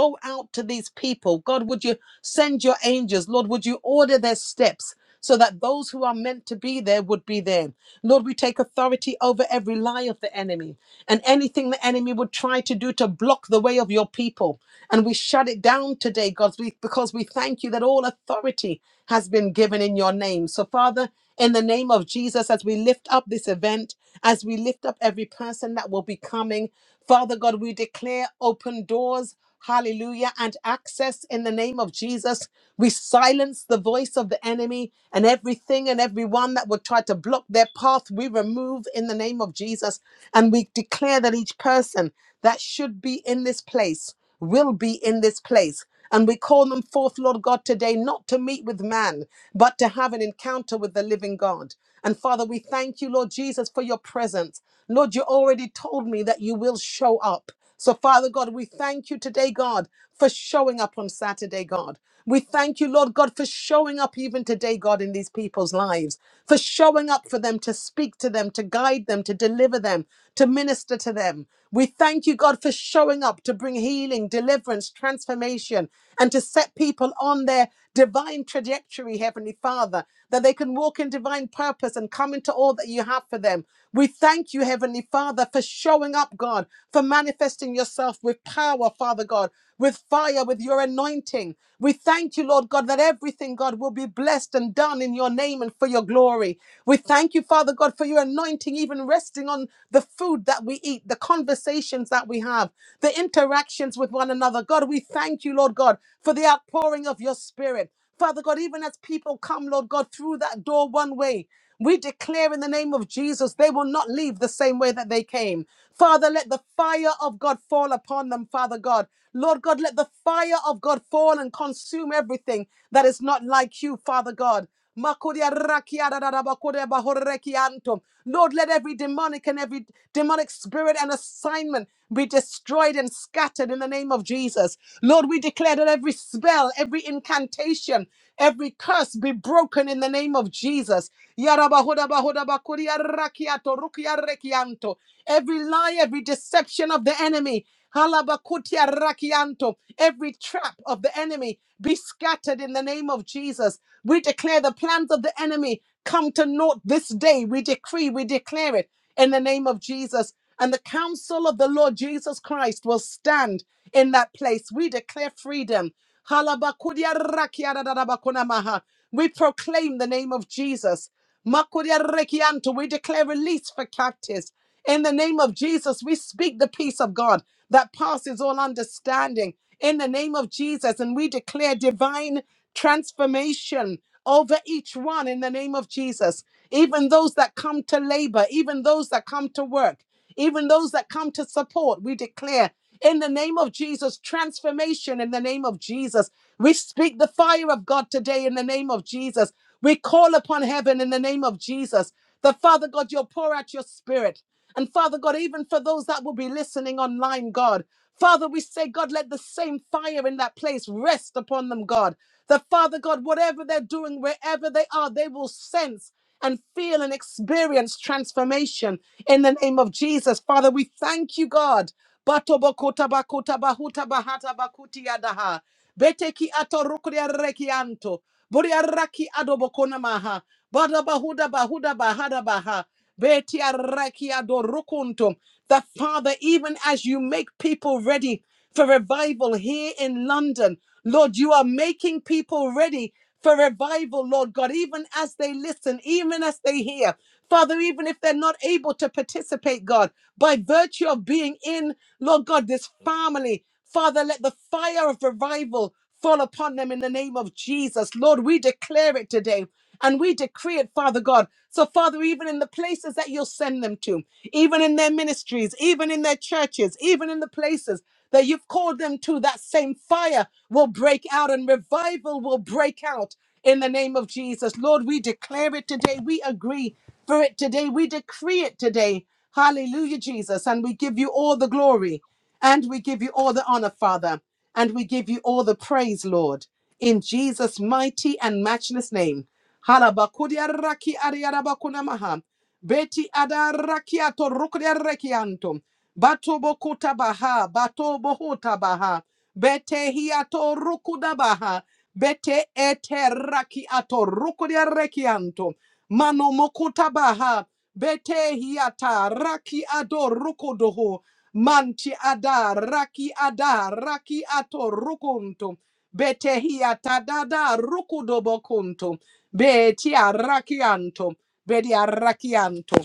S1: go out to these people? God, would you send your angels? Lord, would you order their steps? So that those who are meant to be there would be there. Lord, we take authority over every lie of the enemy and anything the enemy would try to do to block the way of your people. And we shut it down today, God, we- because we thank you that all authority has been given in in your name. So, Father, in the name of Jesus, as we lift up this event, as we lift up every person that will be coming, Father God, we declare open doors. Hallelujah, and access in the name of Jesus. We silence the voice of the enemy and everything and everyone that would try to block their path, we remove in the name of Jesus. And we declare that each person that should be in this place will be in this place. And we call them forth, Lord God, today, not to meet with man, but to have an encounter with the living God. And Father, we thank you, Lord Jesus, for your presence. Lord, you already told me that you will show up. So, Father God, we thank you today, God, for showing up on Saturday, God. We thank you, Lord God, for showing up even today, God, in these people's lives, for showing up for them to speak to them, to guide them, to deliver them, to minister to them. We thank you, God, for showing up to bring healing, deliverance, transformation, and to set people on their divine trajectory, Heavenly Father, that they can walk in divine purpose and come into all that you have for them. We thank you, Heavenly Father, for showing up, God, for manifesting yourself with power, Father God, with fire, with your anointing. We thank you, Lord God, that everything, God, will be blessed and done in your name and for your glory. We thank you, Father God, for your anointing nothing even resting on the food that we eat, the conversations that we have, the interactions with one another. God, we thank you, Lord God, for the outpouring of your spirit. Father God, even as people come, Lord God, through that door one way, we declare in the name of Jesus, they will not leave the same way that they came. Father, let the fire of God fall upon them, Father God. Lord God, let the fire of God fall and consume everything that is not like you, Father God. Makodia rakia da da da bakodia bahoreki anto. Lord, let every demonic and every demonic spirit and assignment be destroyed and scattered in the name of Jesus. Lord, we declare that every spell, every incantation, every curse be broken in the name of Jesus. Yara bahoda bahoda bakodia rakia to rukia reki anto. Every lie, every deception of the enemy, Halabakutia rakianto. Every trap of the enemy be scattered in the name of Jesus. We declare the plans of the enemy come to naught this day. We decree, we declare it in the name of Jesus. And the counsel of the Lord Jesus Christ will stand in that place. We declare freedom. Halabakudia rakiadadadabakunamaha. We proclaim the name of Jesus. Makuria rekianto, We declare release for captives. In the name of Jesus, we speak the peace of God that passes all understanding. In the name of Jesus, and we declare divine transformation over each one in the name of Jesus. Even those that come to labor, even those that come to work. Even those that come to support, we declare in the name of Jesus transformation in the name of Jesus. We speak the fire of God today in the name of Jesus. We call upon heaven in the name of Jesus. The Father God, you'll pour out your spirit. And Father God, even for those that will be listening online, God, Father, we say, God, let the same fire in that place rest upon them, God. The Father God, whatever they're doing, wherever they are, they will sense and feel and experience transformation in the name of Jesus. Father, we thank you, God. Batobokotabakotabahutabahatabakutia daha. Beteki atorukuriarekianto. Buriaraki adobokonamaha. Badabahudabahudabaha. Betiaraki adorukunto. That Father, even as you make people ready for revival here in London, Lord, you are making people ready for revival, Lord God, even as they listen, even as they hear. Father, even if they're not able to participate, God, by virtue of being in, Lord God, this family, Father, let the fire of revival fall upon them in the name of Jesus. Lord, we declare it today and we decree it, Father God. So, Father, even in the places that you'll send them to, even in their ministries, even in their churches, even in the places that you've called them to, that same fire will break out and revival will break out in the name of Jesus. Lord, we declare it today. We agree for it today. We decree it today. Hallelujah, Jesus. And we give you all the glory and we give you all the honor, Father. And we give you all the praise, Lord, in Jesus' mighty and matchless name. Halabakudi araki ariarabakuna maha. Beti adarrakiato rukriarrekianto. Bato bokuta baha, bato bohuta baha. Bete hiato rukuda baha. Bete ete rakiato rukriarrekianto. Mano mokuta baha. Bete hiata raki ado rukudoho. Manti ada raki ada raki ato rukunto. Bete hiata dada rukudobokunto. Beti arrakianto. Vedi arrachianto,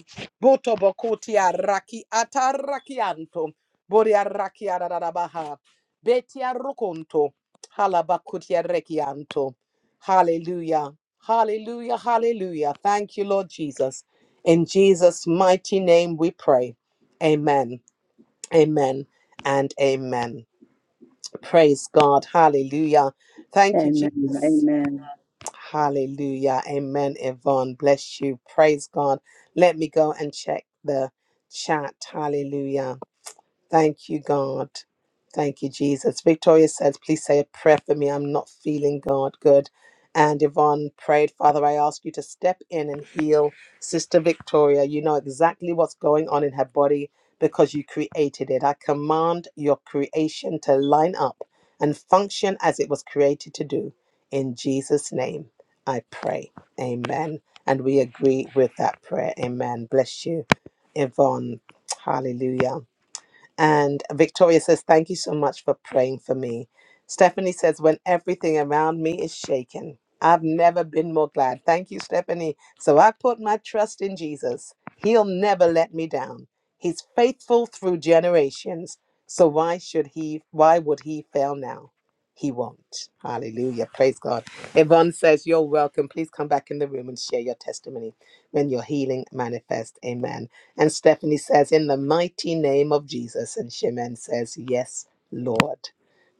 S1: boto bokoti arraki atarrachianto, bori arrachiarabaha, beti arroconto, halabakuti arrechianto. Hallelujah, hallelujah, hallelujah. Thank you, Lord Jesus. In Jesus' mighty name we pray. Amen, amen, and amen. Praise God, hallelujah. Thank you, Jesus. Hallelujah. Amen, Yvonne. Bless you. Praise God. Let me go and check the chat. Hallelujah. Thank you, God. Thank you, Jesus. Victoria says, please say a prayer for me. I'm not feeling God good. And Yvonne prayed, Father, I ask you to step in and heal Sister Victoria. You know exactly what's going on in her body because you created it. I command your creation to line up and function as it was created to do. In Jesus' name, I pray. Amen. And we agree with that prayer. Amen. Bless you, Yvonne. Hallelujah. And Victoria says, Thank you so much for praying for me. Stephanie says, When everything around me is shaken, I've never been more glad. Thank you, Stephanie. So I put my trust in Jesus. He'll never let me down. He's faithful through generations. So why should he, why would he fail now? He won't. Hallelujah. Praise God. Yvonne says, You're welcome. Please come back in the room and share your testimony when your healing manifests. Amen. And Stephanie says, In the mighty name of Jesus. And Shimen says, Yes, Lord.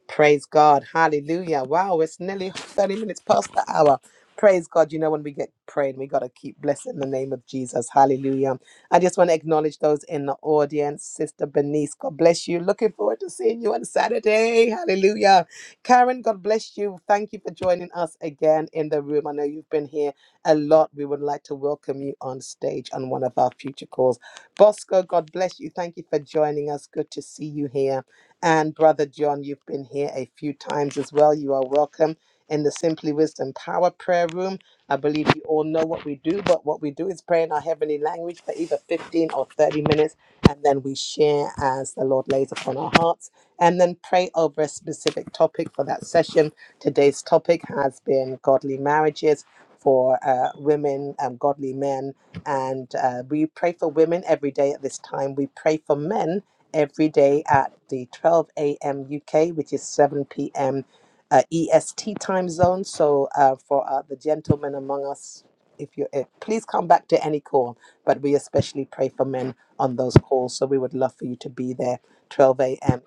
S1: Praise God. Hallelujah. Wow, it's nearly 30 minutes past the hour. Praise God. You know, when we get prayed, we got to keep blessing the name of Jesus. Hallelujah. I just want to acknowledge those in the audience. Sister Bernice, God bless you. Looking forward to seeing you on Saturday. Hallelujah. Karen, God bless you. Thank you for joining us again in the room. I know you've been here a lot. We would like to welcome you on stage on one of our future calls. Bosco, God bless you. Thank you for joining us. Good to see you here. And Brother John, you've been here a few times as well. You are welcome in the Simply Wisdom Power Prayer Room. I believe you all know what we do, but what we do is pray in our heavenly language for either 15 or 30 minutes, and then we share as the Lord lays upon our hearts, and then pray over a specific topic for that session. Today's topic has been godly marriages for uh, women and godly men, and uh, we pray for women every day at this time. We pray for men every day at the 12 a.m. UK, which is 7 p.m. Uh, EST time zone. So uh, for uh, the gentlemen among us, if you uh, please come back to any call, but we especially pray for men on those calls. So we would love for you to be there. 12 a.m.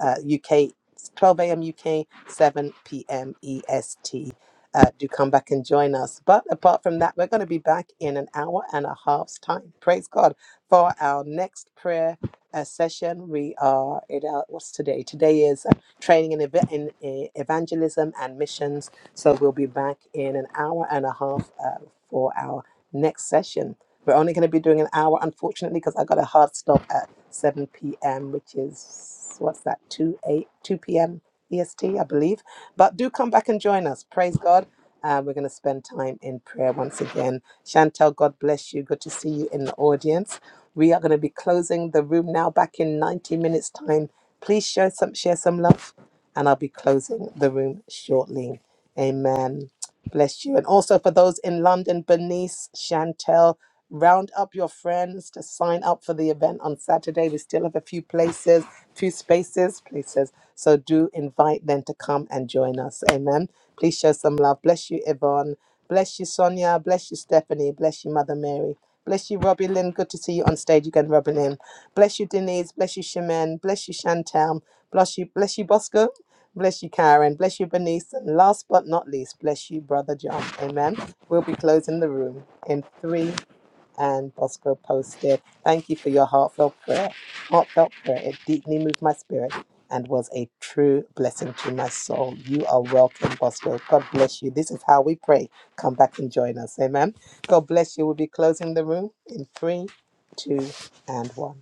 S1: uh, UK, 12 a.m. UK, 7 p.m. EST. Uh, do come back and join us. But apart from that, we're going to be back in an hour and a half's time. Praise God for our next prayer uh, session. We are it. Uh, what's today? Today is uh, training in, eva- in uh, evangelism and missions. So we'll be back in an hour and a half uh, for our next session. We're only going to be doing an hour, unfortunately, because I got a hard stop at seven p.m., which is what's that? Two eight two p.m. EST, I believe. But do come back and join us. Praise God. Uh, we're going to spend time in prayer once again. Chantel, God bless you. Good to see you in the audience. We are going to be closing the room now back in 90 minutes' time. Please share some, share some love and I'll be closing the room shortly. Amen. Bless you. And also for those in London, Bernice, Chantel, round up your friends to sign up for the event on Saturday. We still have a few places, few spaces, places. So do invite them to come and join us. Amen. Please show some love. Bless you, Yvonne. Bless you, Sonia. Bless you, Stephanie. Bless you, Mother Mary. Bless you, Robbie Lynn. Good to see you on stage again, Robbie Lynn. Bless you, Denise. Bless you, Shemin. Bless you, Chantel. Bless you, bless you, Bosco. Bless you, Karen. Bless you, Bernice. And last but not least, bless you, Brother John. Amen. We'll be closing the room in three, and Bosco posted, Thank you for your heartfelt prayer. Heartfelt prayer. It deeply moved my spirit and was a true blessing to my soul. You are welcome, Bosco. God bless you. This is how we pray. Come back and join us. Amen. God bless you. We'll be closing the room in three, two, and one.